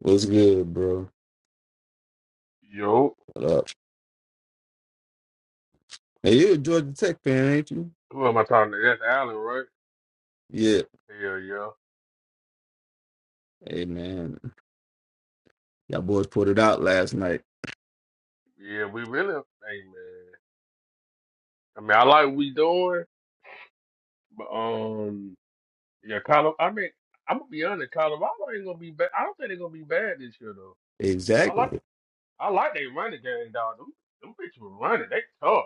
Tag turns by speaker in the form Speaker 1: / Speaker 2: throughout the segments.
Speaker 1: What's good, bro?
Speaker 2: Yo,
Speaker 1: What up? Hey, you're a Georgia Tech fan, ain't you?
Speaker 2: who am I talking to? That's Allen, right?
Speaker 1: Yeah.
Speaker 2: Hell yeah.
Speaker 1: Hey, man. Y'all boys put it out last night.
Speaker 2: Yeah, we really, hey man. I mean, I like what we doing, but um, yeah, Colorado. I mean, I'm gonna be honest, Colorado ain't gonna be bad. I don't think they're gonna be bad this year though. I like,
Speaker 1: Exactly.
Speaker 2: I like they running game, dog. Them, them bitches were running. They tough.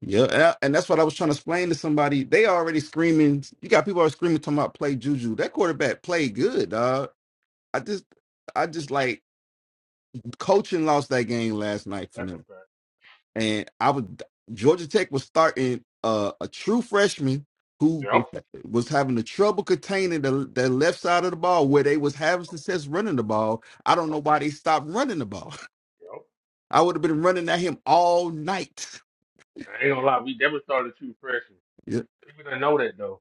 Speaker 1: Yeah. And I- and that's what I was trying to explain to somebody. They already screaming. You got people already screaming talking about play Juju. That quarterback played good, dog. I just, I just like coaching lost that game last night for
Speaker 2: That's
Speaker 1: them.
Speaker 2: a fact.
Speaker 1: and I was Georgia Tech was starting uh, a true freshman who was
Speaker 2: Yep,
Speaker 1: was having the trouble containing the, the left side of the ball where they was having success running the ball. I don't know
Speaker 2: yep,
Speaker 1: why they stopped running the ball.
Speaker 2: yep.
Speaker 1: I would have been running at him all night.
Speaker 2: I ain't gonna lie, we never started too freshmen.
Speaker 1: Yep,
Speaker 2: People don't know that though.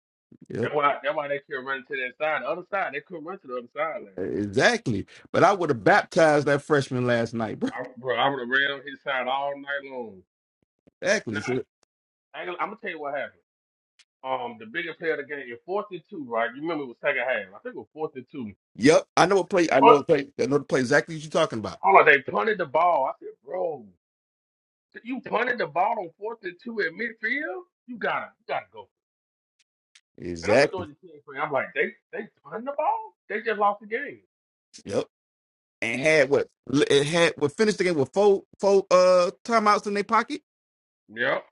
Speaker 1: yep,
Speaker 2: That's why, that's why they kept running to that side. The other side, they couldn't run to the other side.
Speaker 1: exactly. But I would have baptized that freshman last night, bro.
Speaker 2: I, bro, I was around his side all night long.
Speaker 1: Exactly.
Speaker 2: Now,
Speaker 1: So,
Speaker 2: I, I, I'm gonna tell you what happened. Um, the biggest player of the game in fourth and two, right? You remember it was second half. I think it was fourth and two.
Speaker 1: yep, I know a
Speaker 2: They
Speaker 1: play. I know
Speaker 2: punt,
Speaker 1: a play. I know the play exactly what you're talking about.
Speaker 2: hold on, they punted the ball. I said, bro, you punted the ball on fourth and two at midfield? You gotta, you gotta go. And I've been
Speaker 1: Exactly.
Speaker 2: doing this thing for you. I'm like, they, they punted the ball? They just lost the game.
Speaker 1: Yep. and had what it had what finished the game with four four uh timeouts in their pocket.
Speaker 2: Yep.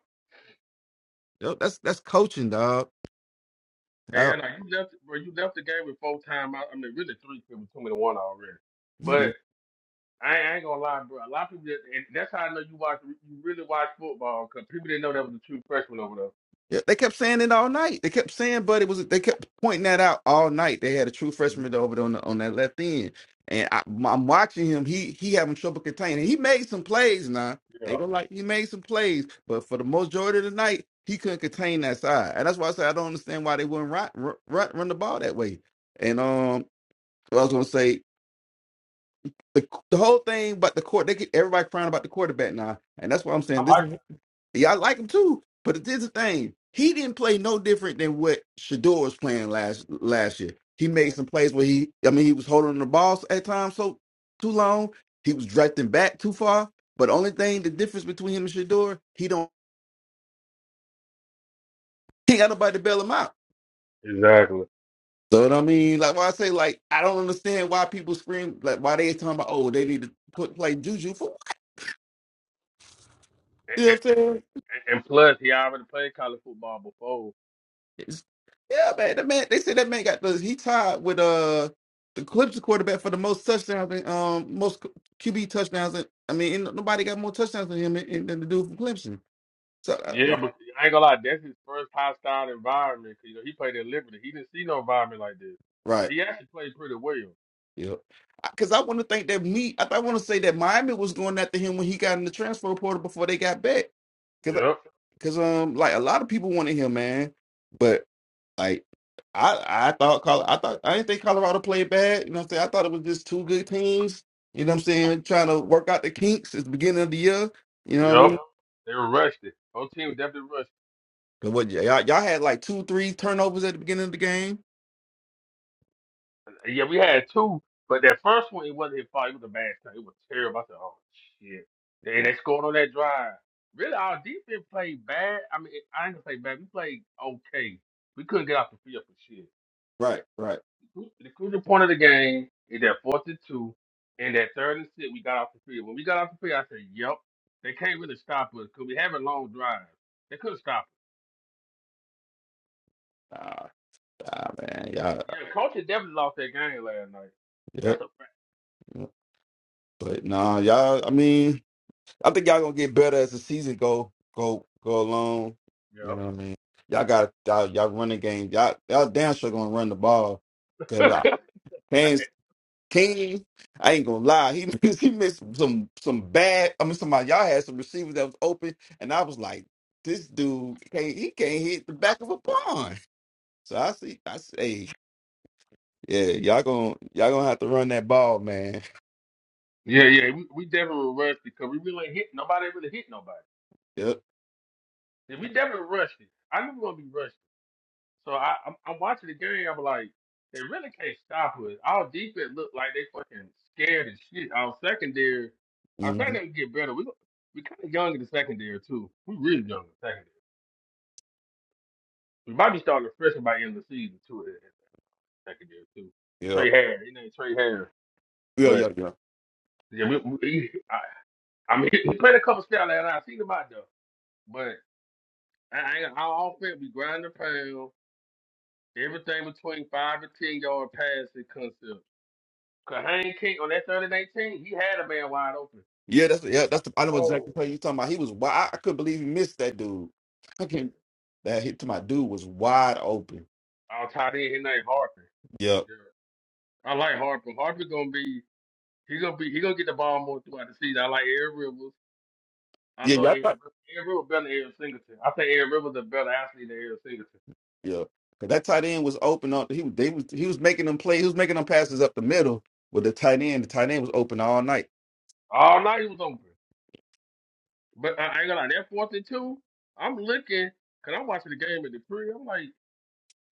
Speaker 1: Yo, that's that's coaching, dog. Uh,
Speaker 2: And like you left, bro, you left the game with four timeouts. I mean, really three, 'cause it was too many to one already.
Speaker 1: mhm.
Speaker 2: I, I ain't gonna lie, bro. A lot of people, just, and that's how I know you watch. You really watch football because people didn't know that was a true freshman over there.
Speaker 1: yeah, they kept saying it all night. They kept saying, but it was they kept pointing that out all night. They had a true freshman
Speaker 2: Yep.
Speaker 1: over there on the, on that left end, and I, I'm watching him. He he having trouble containing. He made some plays now. I
Speaker 2: Yeah,
Speaker 1: ain't gonna like he made some plays, but for the majority of the night, he couldn't contain that side, and that's why I say I don't understand why they wouldn't run run, run the ball that way. And um, I was gonna say the the whole thing but the court they get everybody crying about the quarterback now and that's what i'm
Speaker 2: I
Speaker 1: saying this
Speaker 2: like
Speaker 1: is yeah i like him too but this is the thing he didn't play no different than what Shador was playing last last year he
Speaker 2: that.
Speaker 1: made some plays where he i mean he was holding the ball at times so too long he was drifting back too far but only thing the difference between him and Shador he don't he ain't got nobody to bail him out
Speaker 2: Exactly.
Speaker 1: so what I mean, like why I say, like I don't understand why people scream, like why they talking about, oh, they need to put play Juju for.
Speaker 2: And,
Speaker 1: You know what I'm saying?
Speaker 2: and, and plus, he already played college football before.
Speaker 1: It's- yeah, man. That man. They said that man got the. He tied with uh the Clippers quarterback for the most touchdowns. and, Um, most QB touchdowns. And, I mean, ain't no, nobody got more touchdowns than him than than the dude from Clemson. So uh, I'm
Speaker 2: Yeah,
Speaker 1: like,
Speaker 2: but I ain't gonna lie, that's his first hostile environment. 'cause, you know, he played at Liberty. He didn't see no environment like this, so
Speaker 1: right.
Speaker 2: he actually played pretty well.
Speaker 1: Yep. Because I want to think that me. I, I want to say that Miami was going after him when he got in the transfer portal before they got back. Because
Speaker 2: Yep.
Speaker 1: because um like a lot of people wanted him, man. Like I I thought Col I thought I didn't think Colorado played bad. You know what I'm saying? I thought it was just two good teams. You know what I'm saying? Trying to work out the kinks at the beginning of the year. You know what I
Speaker 2: Yep,
Speaker 1: mean?
Speaker 2: they were rushed. Whole team was definitely rushed.
Speaker 1: 'Cause what y'all y'all had like two, three turnovers at the beginning of the game.
Speaker 2: Yeah, we had two, but that first one it wasn't his fault. It was a bad shot. It was terrible. I said, "Oh shit!" And they scored on that drive. Really, our defense played bad. I mean, I ain't gonna say bad. We played okay. We couldn't get off the field for shit.
Speaker 1: Right, right.
Speaker 2: The crucial point of the game is that fourth and two, and that third and six. We got off the field. When we got off the field, I said, "Yep, they can't really stop us because we having long drives. They couldn't stop us."
Speaker 1: Ah, ah, man, y'all.
Speaker 2: Yeah, coach had definitely lost that game last night. That's
Speaker 1: Yep.
Speaker 2: a fact.
Speaker 1: But nah, y'all. I mean, I think y'all gonna get better as the season go go go along. You know what I mean? Y'all got y'all, y'all running game. Y'all y'all damn sure gonna run the ball because I
Speaker 2: Yep.
Speaker 1: Kane's King. I ain't gonna lie. He missed, he missed some some bad. I mean, somebody y'all had some receivers that was open, and I was like, this dude can't he can't hit the back of a pond. So I see. I say, yeah, y'all gonna y'all gonna have to run that ball, man.
Speaker 2: Yeah, yeah, we, we definitely rushed it because we really ain't hit nobody. Really hit nobody.
Speaker 1: Yep.
Speaker 2: And we definitely rushed it. I knew we were gonna be rushed. So I, I'm, I'm watching the game. I'm like, they really can't stop us. Our defense looked like they fucking scared as shit. Our secondary, our
Speaker 1: hmm
Speaker 2: secondary can get better. We gon- we kind of young in the secondary too. We really young in the secondary. We might be starting fresh by the end of the season too. In the secondary too.
Speaker 1: Yep.
Speaker 2: Trey Harris, it ain't Trey Harris,
Speaker 1: Yeah,
Speaker 2: but
Speaker 1: yeah, yeah.
Speaker 2: yeah, we, we, I, I mean, he played a couple scouts and I seen him out there, but. I, I, our offense be grinding pound. Everything between five and ten yard passing concept. Cause Hayne King on that third and eighteen, he had a man wide open.
Speaker 1: Yeah, that's yeah, that's the I know
Speaker 2: Oh,
Speaker 1: exactly player you talking about. He was wide. I couldn't believe he missed that dude. I
Speaker 2: I said,
Speaker 1: can't. That hit to my dude was wide open.
Speaker 2: I'll tie in his name Harper.
Speaker 1: Yep.
Speaker 2: Yeah. I like Harper. Harper gonna be he gonna be he gonna get the ball more throughout the season. I like Aaron Rivers. I
Speaker 1: Yeah,
Speaker 2: know
Speaker 1: yeah, I
Speaker 2: Aaron
Speaker 1: thought,
Speaker 2: Rivers. Aaron Rivers better than Aaron Singleton. I think Aaron Rivers is a better athlete than Aaron Singleton.
Speaker 1: yeah. 'Cause that tight end was open on. He was they was he was making them play. He was making them passes up the middle with the tight end. The tight end was open all night.
Speaker 2: All night he was open. But I I ain't gonna lie, that fourth and two, I'm looking, cause I'm watching the game at the crib. I'm like.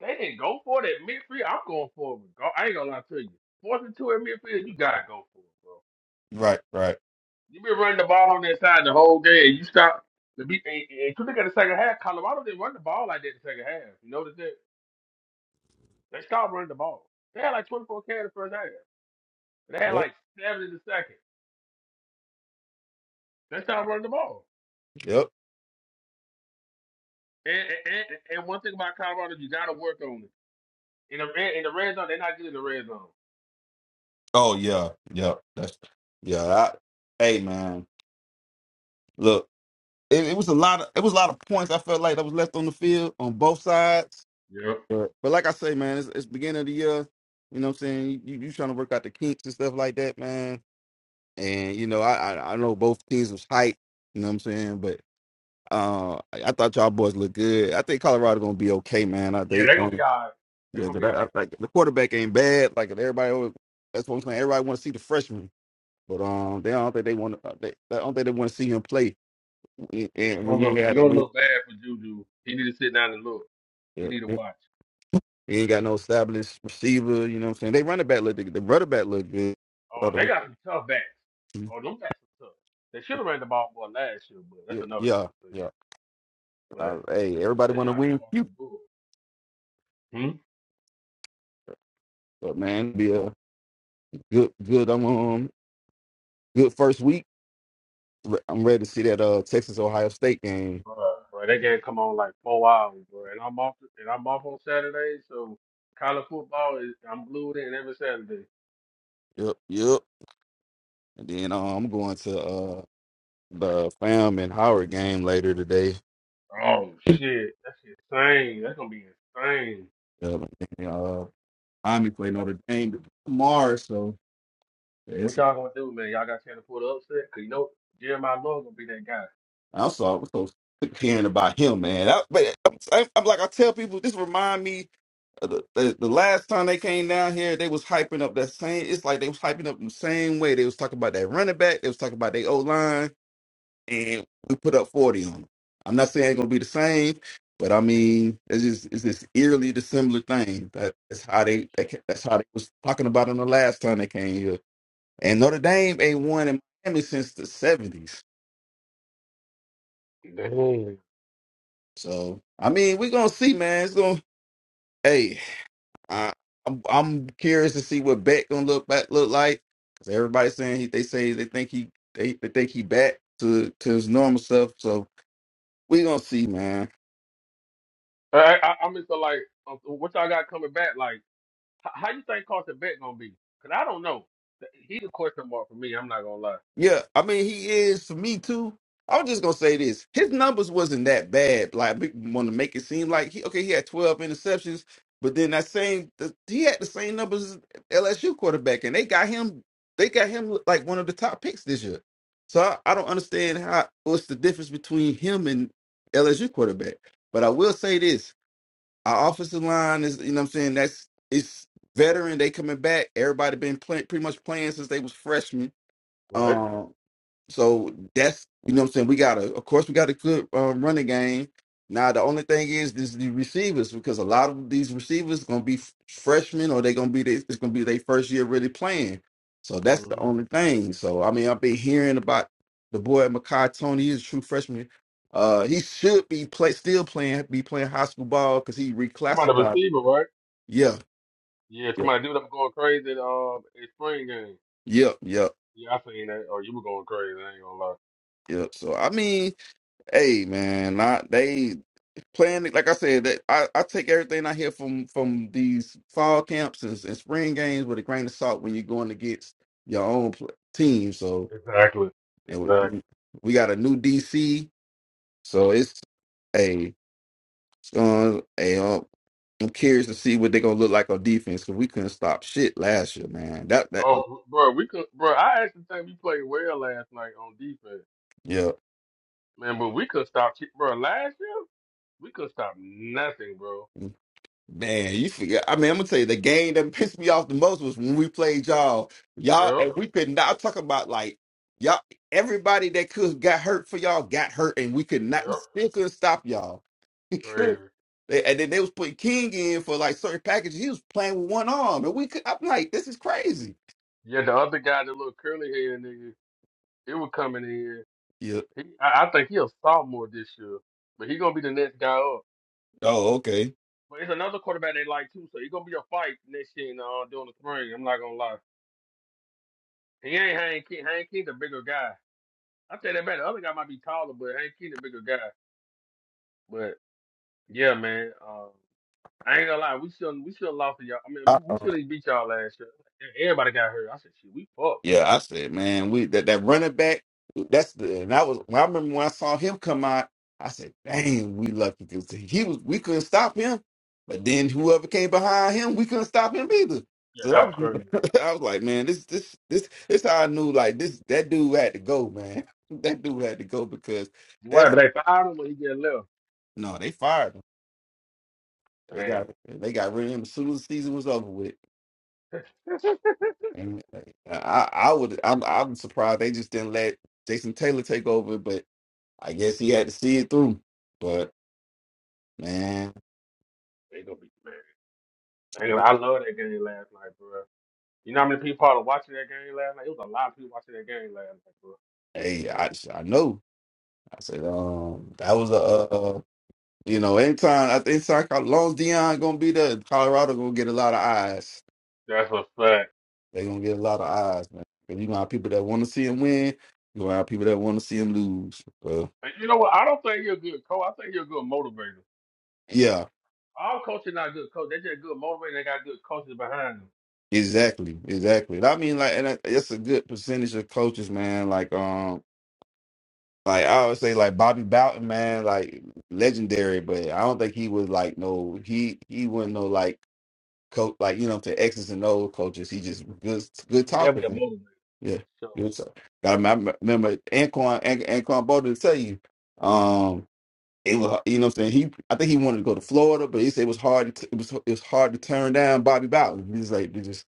Speaker 2: They didn't go for it at midfield. I'm going for it. Go- I ain't gonna lie to you. Fourth and two at midfield, you gotta go for it, bro.
Speaker 1: Right. Right.
Speaker 2: You been running the ball on that side the whole game. You stop. The beat, and, and you look at the second half, Colorado didn't run the ball like that the second half. You notice that? They stopped running the ball. They had like 24 carries the first half. They had
Speaker 1: Yep.
Speaker 2: like seven in the second. They stopped running the ball.
Speaker 1: Yep.
Speaker 2: And, and, and, and one thing about Colorado, you gotta work on it. In the red, in the red zone, they're not good in the red zone.
Speaker 1: Oh yeah. Yep. That's yeah. I, hey man, look. It, it was a lot of it was a lot of points. I felt like that was left on the field on both sides
Speaker 2: Yeah.
Speaker 1: But but like I say, man, it's, it's beginning of the year. You know what I'm saying? You you trying to work out the kinks and stuff like that, man. And you know, I I, I know both teams was hype. You know what I'm saying? But uh, I I thought y'all boys looked good. I think Colorado gonna be okay, man. I
Speaker 2: Yeah,
Speaker 1: they
Speaker 2: they're gonna
Speaker 1: um
Speaker 2: be all right. They're
Speaker 1: yeah,
Speaker 2: gonna
Speaker 1: but
Speaker 2: be all right.
Speaker 1: I, I, like the quarterback ain't bad. Like everybody, always, that's what I'm saying. Everybody want to see the freshman, but um, they I don't think they want to. They, I don't think they want to see him play.
Speaker 2: Yeah,
Speaker 1: And
Speaker 2: you're
Speaker 1: when
Speaker 2: gonna
Speaker 1: you ain't
Speaker 2: look
Speaker 1: had
Speaker 2: you're gonna
Speaker 1: when,
Speaker 2: look bad for Juju. He need to sit down and look.
Speaker 1: yeah,
Speaker 2: He
Speaker 1: yeah.
Speaker 2: need to watch.
Speaker 1: He ain't got no established receiver. You know what I'm saying? They running back look. The running back look good. Oh,
Speaker 2: Oh, they
Speaker 1: the-
Speaker 2: got some tough backs. Oh, them backs are tough. They should have ran the ball more last year, but that's
Speaker 1: Yeah,
Speaker 2: another
Speaker 1: yeah, yeah.
Speaker 2: conversation. But
Speaker 1: Uh, hey, everybody
Speaker 2: they
Speaker 1: want
Speaker 2: try
Speaker 1: to
Speaker 2: to
Speaker 1: win.
Speaker 2: come off
Speaker 1: few,
Speaker 2: the board. Hmm?
Speaker 1: But man, be a good, good. I'm um, good first week. Re- I'm ready to see that uh Texas Ohio State game.
Speaker 2: Bruh, bro, they can't come on like four hours, bro. And I'm off and I'm off on Saturday, so college football is I'm glued in every Saturday.
Speaker 1: Yep, yep. And then uh, I'm going to uh the fam and Howard game later today.
Speaker 2: Oh
Speaker 1: Yep.
Speaker 2: shit. That's insane. That's gonna be insane.
Speaker 1: And, uh, Army play Notre Dame tomorrow, so.
Speaker 2: What y'all gonna do, man? Y'all got a chance to pull the upset? Cause you know Jeremiah Love gonna be that guy.
Speaker 1: I saw I was so sick of hearing about him, man. I, but I'm, I'm, I'm like I tell people, this remind me of the, the the last time they came down here, they was hyping up that same. It's like they was hyping up the same way. They was talking about that running back. They was talking about their O line, and we put up forty on them. I'm not saying it's gonna be the same, but I mean, it's just it's this eerily dissimilar thing. That, that's how they, they ca- that's how they was talking about them the last time they came here. And Notre Dame ain't won in Miami since the '70s.
Speaker 2: Dang.
Speaker 1: So I mean, we're gonna see, man. It's gonna hey, I, I'm I'm curious to see what Beck gonna look back look like because everybody's saying he, they say they think he they, they think he back to to his normal stuff. So we gonna see, man.
Speaker 2: I, I, I'm just like, uh, what y'all got coming back? Like, h- how you think Carson Beck gonna be? Cause I don't know. He the question mark for me. I'm not gonna lie.
Speaker 1: Yeah, I mean he is for me too. I was just gonna say this: his numbers wasn't that bad. Like people want to make it seem like he okay, he had twelve interceptions, but then that same the, he had the same numbers as LSU quarterback, and they got him. They got him like one of the top picks this year. So I, I don't understand how what's the difference between him and LSU quarterback. But I will say this: our offensive line is you know what I'm saying that's it's veteran. They coming back. Everybody been play, pretty much playing since they was freshmen.
Speaker 2: Right.
Speaker 1: um, so that's you know what I'm saying. We got a of course we got a good um, running game. Now the only thing is is the receivers because a lot of these receivers gonna be f- freshmen or they gonna be their- it's gonna be their first year really playing. So that's the
Speaker 2: Mm-hmm.
Speaker 1: only thing. So I mean I've been hearing about the boy Makai Tony. He's a true freshman. Uh, he should be play still playing be playing high school ball because he
Speaker 2: Somebody
Speaker 1: reclassified.
Speaker 2: receiver, right?
Speaker 1: Yeah,
Speaker 2: Yeah,
Speaker 1: yeah,
Speaker 2: somebody dude up going crazy at um at spring game.
Speaker 1: yep, yep,
Speaker 2: Yeah, I seen that. Or you were going crazy. I ain't gonna lie.
Speaker 1: yep. So I mean, hey man, not they. playing like I said, that I, I take everything I hear from from these fall camps and, and spring games with a grain of salt when you're going against your own pl- team. So
Speaker 2: Exactly.
Speaker 1: and
Speaker 2: Exactly.
Speaker 1: we, we got a new DC, so it's a uh, a um, I'm curious to see what they're gonna look like on defense because we couldn't stop shit last year, man. That that
Speaker 2: Oh, bro, we could, bro. I actually think we played well last night on defense,
Speaker 1: yeah.
Speaker 2: man. But we could stop, bro. Last year we could stop nothing, bro.
Speaker 1: Man, you forget. I mean, I'm gonna tell you the game that pissed me off the most was when we played y'all. Y'all,
Speaker 2: Yep.
Speaker 1: and we could not I'm talking about like y'all. Everybody that could got hurt for y'all got hurt, and we could not we
Speaker 2: Yep.
Speaker 1: still couldn't stop y'all. We
Speaker 2: Crazy.
Speaker 1: couldn't. They- And then they was putting King in for like certain packages. He was playing with one arm, and we could. I'm like, this is crazy.
Speaker 2: Yeah, the other guy, the little curly haired nigga, it was coming in here.
Speaker 1: Yeah.
Speaker 2: He, I, I think he a sophomore this year, but he gonna be the next guy up.
Speaker 1: Oh, okay.
Speaker 2: But it's another quarterback they like too, so he gonna be a fight next year in, uh, during the spring. I'm not gonna lie. He ain't Hank King. Hank King the bigger guy. I tell that man, the other guy might be taller, but Hank King the bigger guy. But yeah, man, um, I ain't gonna lie. We shouldn't. We should have lost to y'all. I mean, we should have beat y'all last year. Everybody got hurt. I said, shit, we fucked.
Speaker 1: Yeah, I said, man, we that, that running back, that's the and I was when I remember when I saw him come out, I said, dang, we lucky because he was we couldn't stop him. But then whoever came behind him, we couldn't stop him either.
Speaker 2: Yeah,
Speaker 1: So that
Speaker 2: that was crazy.
Speaker 1: was I was like, man, this this this this how I knew like this that dude had to go, man. That dude had to go because
Speaker 2: Why
Speaker 1: that's
Speaker 2: did they fired him when he get left?
Speaker 1: no, they fired him. They got
Speaker 2: Damn.
Speaker 1: they got rid of him as soon as the season was over with. And uh, I I would I'm I'm surprised they just didn't let Jason Taylor take over, but I guess he had to see it through. But man,
Speaker 2: They gonna be mad. I ain't gonna- I love that game last night, bro. You know how many people probably watching that game last night? It was a lot of people watching that game last night, bro.
Speaker 1: hey, I I know. I said, um, that was a uh, you know, anytime I think so, as long as Dion gonna be there, Colorado gonna get a lot of eyes.
Speaker 2: That's a fact.
Speaker 1: They gonna get a lot of eyes, man. 'Cause you gonna have people that want to see him win. You gonna have people that want to see him lose. So,
Speaker 2: And you know what? I don't think you're a good coach. I think you're a good motivator.
Speaker 1: yeah,
Speaker 2: All coaches not good coach. They just good motivator. They got good coaches behind them.
Speaker 1: exactly, exactly. And I mean, like, and that- it's a good percentage of coaches, man. Like, um, Like I would say, like Bobby Bowden, man, like legendary, but I don't think he was like no, he he wasn't no like coach, like you know, to X's and O's coaches. He just good
Speaker 2: He
Speaker 1: good
Speaker 2: was
Speaker 1: talker.
Speaker 2: definitely a
Speaker 1: man.
Speaker 2: motivator.
Speaker 1: Yeah,
Speaker 2: So
Speaker 1: good talk. I remem- I remember Anquan An- Anquan Bolden tell you, um, it was you know what I'm saying. He I think he wanted to go to Florida, but he said it was hard. To, it was it was hard to turn down Bobby Bowden. He's like, they just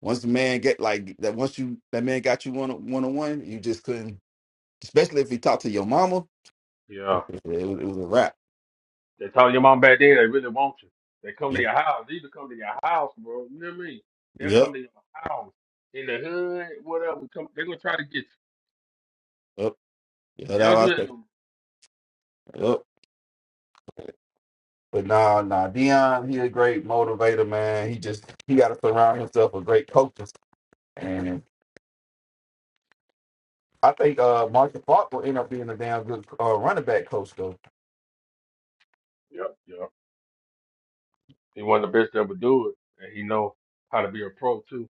Speaker 1: once the man get like that, once you that man got you one one on one, you just couldn't. Especially if he talked to your mama it
Speaker 2: yeah,
Speaker 1: was, it was a wrap.
Speaker 2: they told your mom back then they really want you. They come to
Speaker 1: Yep.
Speaker 2: your house. They either come to your house, bro. You know what I mean? They'll
Speaker 1: Yep.
Speaker 2: come to your house in the hood, whatever. Come, they're gonna try to get you.
Speaker 1: Yep. Yeah,
Speaker 2: They don't do
Speaker 1: that's what I
Speaker 2: that
Speaker 1: it.
Speaker 2: no more.
Speaker 1: Yep. But nah, nah, Dion, he a great motivator, man. He just he gotta surround himself with great coaches. And I think uh Marcus Clark will end up being a damn good uh, running back coach though.
Speaker 2: Yep, yep. He one of the best to ever do it, and he know how to be a pro too.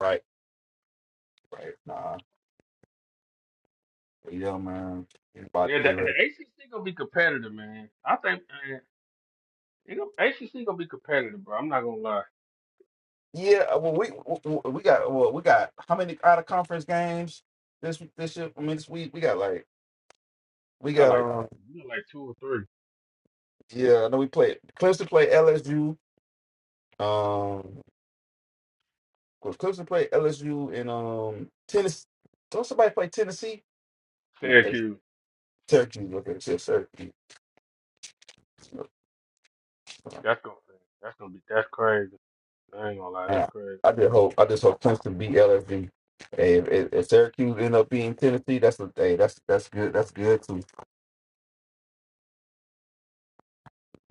Speaker 1: Right, right. Nah. Yeah, man. He's about to
Speaker 2: Yeah, the,
Speaker 1: get
Speaker 2: the
Speaker 1: ready.
Speaker 2: ACC gonna be competitive, man. I think man, you know, ACC gonna be competitive, bro. I'm not gonna lie.
Speaker 1: Yeah, uh, well we we we got well we got how many out of conference games this this year? I mean this week we got like
Speaker 2: We
Speaker 1: we
Speaker 2: got
Speaker 1: got
Speaker 2: like
Speaker 1: um
Speaker 2: we got like two or three.
Speaker 1: yeah, I know we played Clemson played LSU. Um Because Clemson played LSU and um Tennessee. Don't somebody play Tennessee? No, it's
Speaker 2: Syracuse,
Speaker 1: Syracuse. Okay, it's just Syracuse.
Speaker 2: that's gonna that's gonna be that's crazy. I ain't gonna lie, that's
Speaker 1: Yeah.
Speaker 2: crazy.
Speaker 1: I just hope I just hope Clemson beat LSU. Hey, if, if, if Syracuse end up beating Tennessee, that's a hey, that's that's good. That's good too.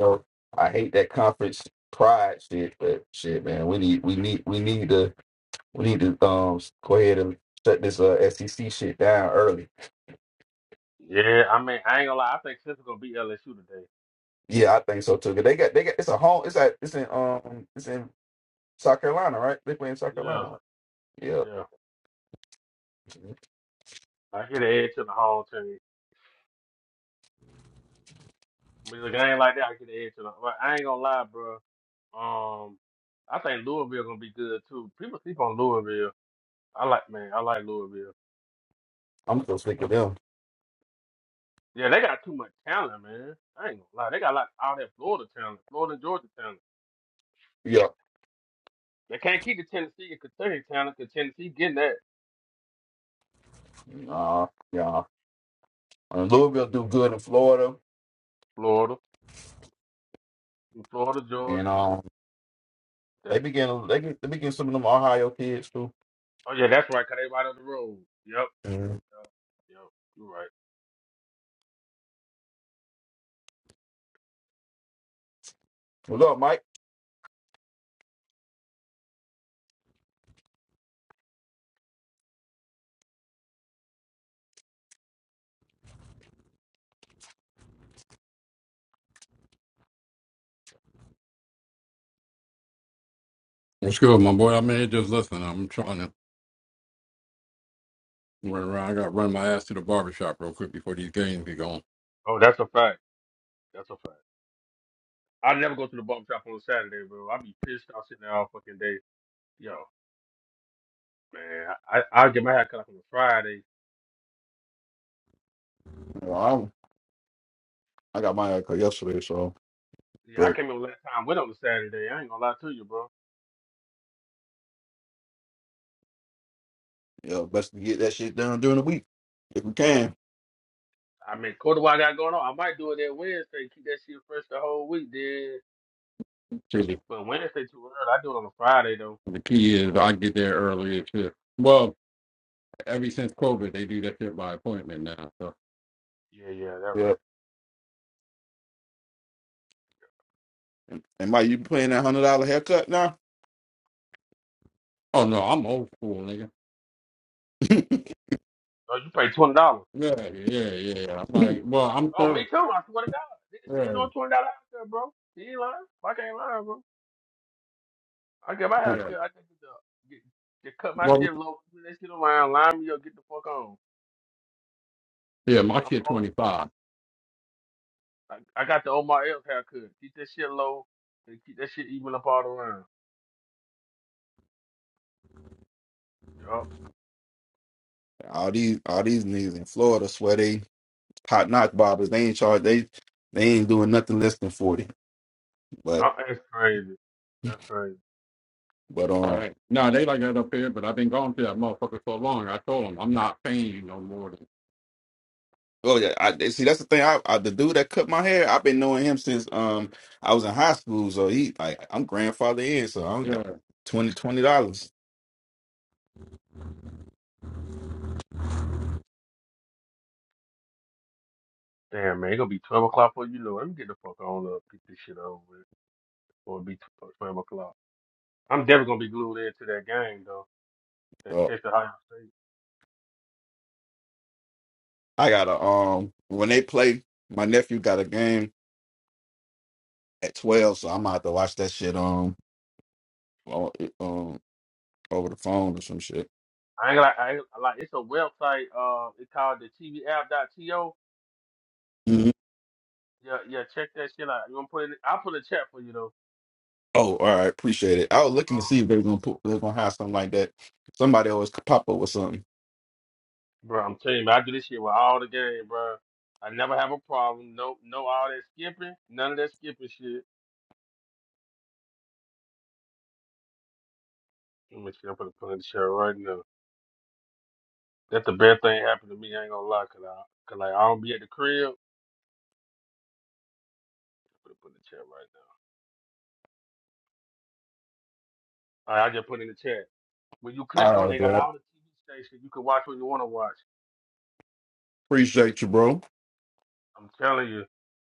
Speaker 1: So I hate that conference pride shit, but shit, man, we need we need we need to we need to um go ahead and shut this uh SEC shit down early.
Speaker 2: Yeah, I mean, I ain't gonna lie. I think Central gonna beat LSU today.
Speaker 1: Yeah, I think so too. 'Cause They got they got it's a home. It's at it's in um it's in South Carolina, right? They play in South
Speaker 2: Yeah,
Speaker 1: Carolina. Right? Yeah,
Speaker 2: yeah. I get an edge to the home team. With a game like that, I get an edge to the. but I ain't gonna lie, bro. Um, I think Louisville gonna be good too. People sleep on Louisville. I like man, I like Louisville.
Speaker 1: I'm still sick of them.
Speaker 2: Yeah, they got too much talent, man. I ain't gonna lie. They got like all that Florida talent, Florida and Georgia talent.
Speaker 1: Yeah,
Speaker 2: They can't keep the Tennessee and Kentucky talent because Tennessee getting that.
Speaker 1: uh, yeah. And Louisville do good in Florida,
Speaker 2: Florida. and Florida, Georgia.
Speaker 1: and um, they
Speaker 2: That's,
Speaker 1: begin they get they begin some of them Ohio kids too.
Speaker 2: oh yeah, that's right, cause they right on the road. Yep.
Speaker 1: Mhm.
Speaker 2: Yep. Yep. You're right.
Speaker 1: What's up, Mike?
Speaker 3: What's good, my boy? I mean, just listening. I'm trying to run around. I got to run my ass to the barbershop real quick before these games get going.
Speaker 2: Oh, that's a fact. That's a fact. I never go to the barber shop on a Saturday, bro. I be pissed off sitting there all fucking day. Yo, man, I I I'll get my hair cut off on a Friday.
Speaker 1: Well, I'm, I got my haircut yesterday, so
Speaker 2: Yeah, I
Speaker 1: great.
Speaker 2: came in last time went on a Saturday. I ain't gonna lie to you, bro.
Speaker 1: Yeah, best to get that shit done during the week if we can.
Speaker 2: I mean, quarter what I got going on. I might do it that Wednesday, keep that shit fresh the whole week, then.
Speaker 3: So the,
Speaker 2: But Wednesday too early. I do it on a Friday though.
Speaker 3: the key is I get there early. It's just, well, ever since COVID, they do that shit by appointment now. So,
Speaker 2: Yeah, yeah, that
Speaker 1: Yeah.
Speaker 2: right.
Speaker 1: And Mike, you playing that hundred dollar haircut now?
Speaker 3: oh no, I'm old school, nigga.
Speaker 2: Oh, you pay twenty dollars.
Speaker 3: Yeah, yeah, yeah. yeah. I'm like, well, I'm
Speaker 2: Oh,
Speaker 3: 30.
Speaker 2: me too. I swear to God, niggas still
Speaker 3: Yeah,
Speaker 2: doing twenty dollars out there, bro. He ain't lying. I can't lie, bro. I get my hair
Speaker 3: yeah.
Speaker 2: cut. I just get, the- get, get cut my
Speaker 3: Well,
Speaker 2: shit low. Put that shit around. Line me up. Get the fuck on.
Speaker 3: yeah, my
Speaker 2: I'm
Speaker 3: kid
Speaker 2: on.
Speaker 3: 25.
Speaker 2: I, I got the Omar L haircut. Keep that shit low and keep that shit even up all around. Yup.
Speaker 1: all these all these niggas in Florida swear they hot knock bobbers. They ain't charge they they ain't doing nothing less than forty.
Speaker 2: Huh, That's crazy. That's crazy.
Speaker 1: But
Speaker 3: All
Speaker 1: um,
Speaker 3: right. No, they like that up here, but I've been going to that motherfucker so long. I told them I'm not paying you no more than.
Speaker 1: oh yeah, I see. That's the thing. I, I the dude that cut my hair, I've been knowing him since um I was in high school. So he like I'm grandfather in, so I only got
Speaker 3: Yeah.
Speaker 1: twenty twenty dollars.
Speaker 2: Damn, man, it' gonna be 12 o'clock before you know it. Let me get the fuck on up, get this shit over with. Or it'll be 12 o'clock. I'm definitely gonna be glued into that game, though. That
Speaker 1: So
Speaker 2: test of Ohio State.
Speaker 1: I gotta um when they play, my nephew got a game at twelve, so I'm gonna have to watch that shit um on, um over the phone or some shit.
Speaker 2: I ain't like, I ain't, like, it's a website, uh, it's called the TV App. dot To Yeah,
Speaker 1: Mhm.
Speaker 2: yeah, check that shit out. You going to put it, in- I'll put a chat for you, though.
Speaker 1: Oh, all right, appreciate it. I was looking to
Speaker 2: Oh.
Speaker 1: see if they were gonna put they're gonna have something like that. Somebody always pop up with something.
Speaker 2: Bro, I'm telling you, man, I do this shit with all the game, bro. I never have a problem. No, no, all that skipping, none of that skipping shit. Let me see, I'm gonna put it in the chat right now. That's the best thing happened to me. I ain't gonna lie, cause I, cause like I don't be at the crib. Put it put in the chat right now. All right, I just put it in the chat. When you
Speaker 1: All
Speaker 2: click on, it,
Speaker 1: right,
Speaker 2: they got
Speaker 1: bro.
Speaker 2: all the TV stations. You can watch what you want to watch.
Speaker 1: Appreciate you, bro.
Speaker 2: I'm telling you,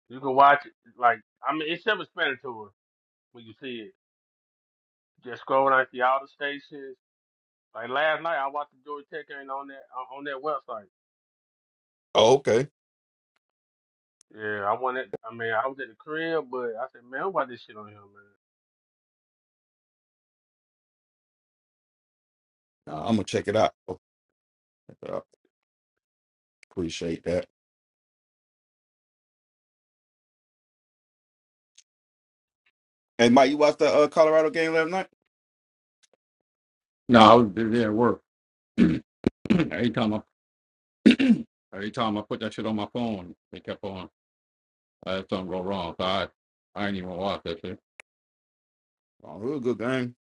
Speaker 2: you can watch it. Like I mean, it's self-explanatory when you see it. Just scroll and I see all the stations. Like last night, I watched the Georgia Tech game on that on on that website.
Speaker 1: Oh, okay.
Speaker 2: Yeah, I wanted. I mean, I was at the crib, but I said, man, why this shit on here, man?
Speaker 1: Nah, I'm gonna check it out. Yeah, appreciate that. Hey, Mike, you watched the uh, Colorado game last night?
Speaker 3: No, I was busy at work. Every time I Every time I put that shit on my phone, they kept on. I had something go wrong. So I, I ain't even watch that shit.
Speaker 1: Oh, it was a good game.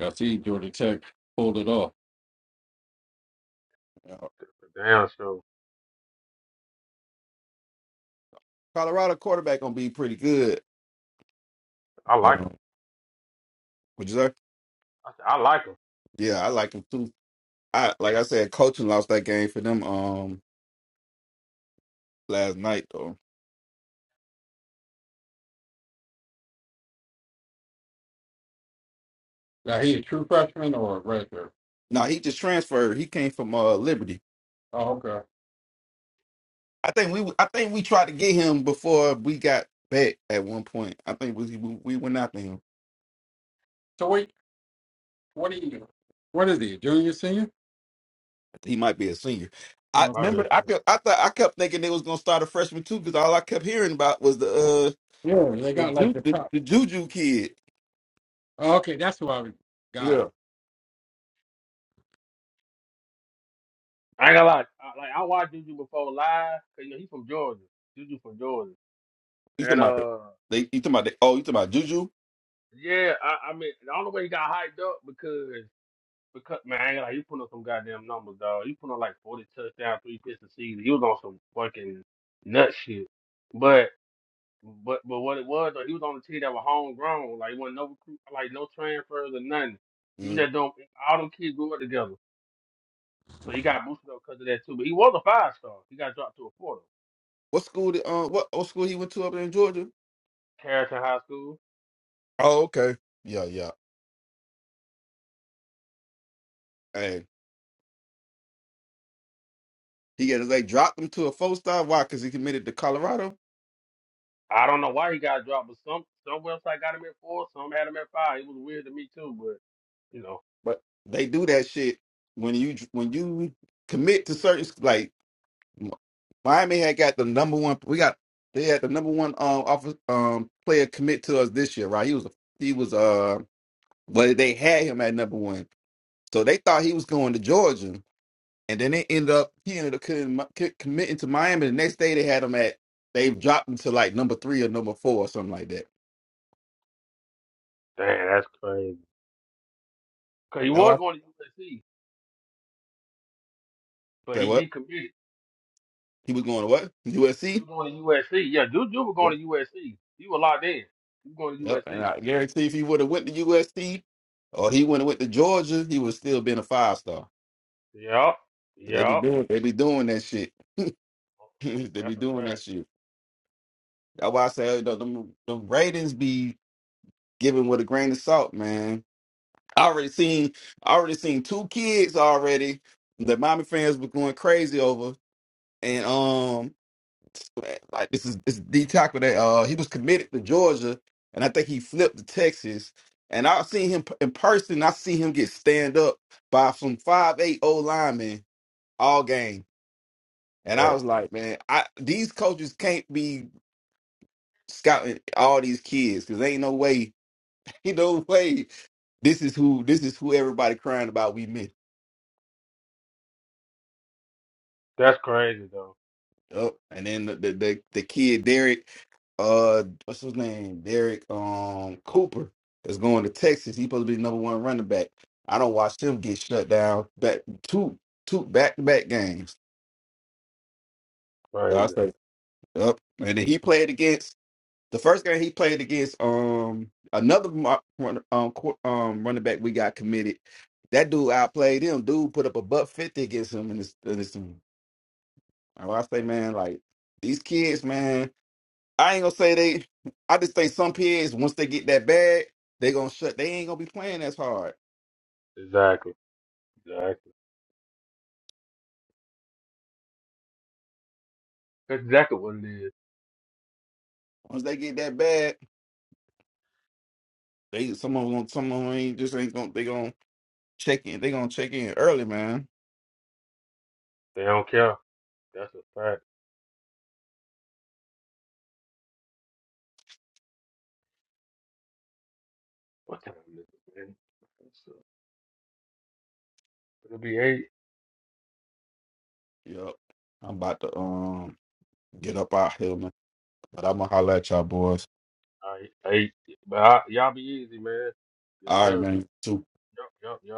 Speaker 3: I see Georgia Tech pulled it off.
Speaker 1: Yeah,
Speaker 2: But damn, so
Speaker 1: Colorado quarterback gonna be pretty good.
Speaker 2: I
Speaker 1: But
Speaker 2: like. 'em.
Speaker 1: um, would you say?
Speaker 2: I said, I like him.
Speaker 1: Yeah, I like him too. I like I said, coaching lost that game for them um last night though.
Speaker 3: Now he a true freshman or a redshirt?
Speaker 1: No, he just transferred. He came from uh Liberty.
Speaker 3: Oh, okay.
Speaker 1: I think we I think we tried to get him before we got back at one point. I think we we we went after him.
Speaker 3: So wait, what are you? What is he? Junior, senior?
Speaker 1: He might be a senior. I
Speaker 2: My
Speaker 3: Okay.
Speaker 1: remember
Speaker 2: best.
Speaker 1: I
Speaker 2: friend.
Speaker 1: kept I thought I kept thinking they was gonna start a freshman too because all I kept hearing about was the uh,
Speaker 3: Yeah, they
Speaker 1: The,
Speaker 3: got like
Speaker 1: ju-
Speaker 3: the
Speaker 1: the,
Speaker 3: top.
Speaker 1: the Juju kid.
Speaker 3: Okay, that's who I got.
Speaker 1: Yeah.
Speaker 2: I ain't gonna lie. I, like I watched Juju before live. 'cause, you know he from Georgia. Juju from Georgia.
Speaker 1: You
Speaker 2: And
Speaker 1: talking about the,
Speaker 2: uh,
Speaker 1: they you talking about the, oh, you talking about Juju?
Speaker 2: yeah, I, I mean, the only way he got hyped up because because man, I ain't like he put up some goddamn numbers, dog. He put up like forty touchdowns, three picks a season. He was on some fucking nut shit. But but but what it was, though, he was on a team that was homegrown. Like, it wasn't no recruit, like no transfers or nothing. He was
Speaker 1: Mm.
Speaker 2: just doing all them kids grew up together. So he got boosted up because of that too. But he was a five star. He got dropped to a four. though.
Speaker 1: What school did um what, what school he went to up there in Georgia?
Speaker 2: Carrollton High School.
Speaker 1: Oh, okay. Yeah, yeah. Hey. He got they dropped him to a four star. Why? Cause he committed to Colorado.
Speaker 2: I don't know why he got dropped, but some some website got him at four, some had him at five. It was weird to me too, but you know,
Speaker 1: But they do that shit when you when you commit to certain like Miami had got the number one we got they had the number one um office um player commit to us this year, right? He was he was uh but they had him at number one. So they thought he was going to Georgia, and then they ended up he ended up committing, committing to Miami. The next day they had him at they dropped him to like number three or number four or something like that.
Speaker 2: damn, that's crazy. Cause he
Speaker 1: That why
Speaker 2: was
Speaker 1: I
Speaker 2: going to USC, but
Speaker 1: say
Speaker 2: he
Speaker 1: what
Speaker 2: decommitted.
Speaker 1: he was going to what
Speaker 2: He
Speaker 1: USC.
Speaker 2: was going to USC. Yeah, dude, you were
Speaker 1: Yep.
Speaker 2: going to USC. He was locked in. He was going to
Speaker 1: Yep. And
Speaker 2: USC.
Speaker 1: I guarantee if he would have went to USC or he would have went to Georgia, he would still been a five star.
Speaker 2: Yep,
Speaker 1: So they be
Speaker 2: yep.
Speaker 1: doing they be doing that shit. they be
Speaker 2: That's a
Speaker 1: doing that
Speaker 2: fact.
Speaker 1: shit. That's why I say you know, them, them ratings be given with a grain of salt, man I already seen I already seen two kids already that mommy fans were going crazy over. And um like this is this is D tackle that uh he was committed to Georgia and I think he flipped to Texas. And I seen him p- in person, I see him get stand up by some five eight old linemen all game. And I
Speaker 2: That's
Speaker 1: was like, man, I these coaches can't be scouting all these kids because ain't no way, ain't no way this is who this is who everybody crying about we
Speaker 2: that's crazy though.
Speaker 1: Yep. And then the, the the the kid Derek, uh, what's his name? Derek um Cooper is going to Texas. He's supposed to be the number one running back. I don't watch him get shut down back two two back to back games. So I
Speaker 2: Crazy.
Speaker 1: say, yep. And then he played against the first game he played against um another mo- run- um qu- um running back we got committed. That dude outplayed him. Dude put up a buck fifty against him in this in this. I say, man, like these kids, man. I ain't gonna say they. I just think some kids once they get that bag, they gonna shut. They ain't gonna be playing as hard.
Speaker 2: Exactly. Exactly. That's exactly what it is.
Speaker 1: Once they get that bag, they some of them gonna- some of them ain't just ain't gonna. They gonna check in. They gonna check in early, man.
Speaker 2: They don't care. That's a fact. What time is it? Man? It's, uh, It'll be eight.
Speaker 1: Yep. I'm about to um get up out here, man. But I'm gonna holler at y'all boys.
Speaker 2: All right, hey, but I, y'all be easy, man. Yes,
Speaker 1: All right,
Speaker 2: sir.
Speaker 1: man. Two.
Speaker 2: Yup, yup, yup.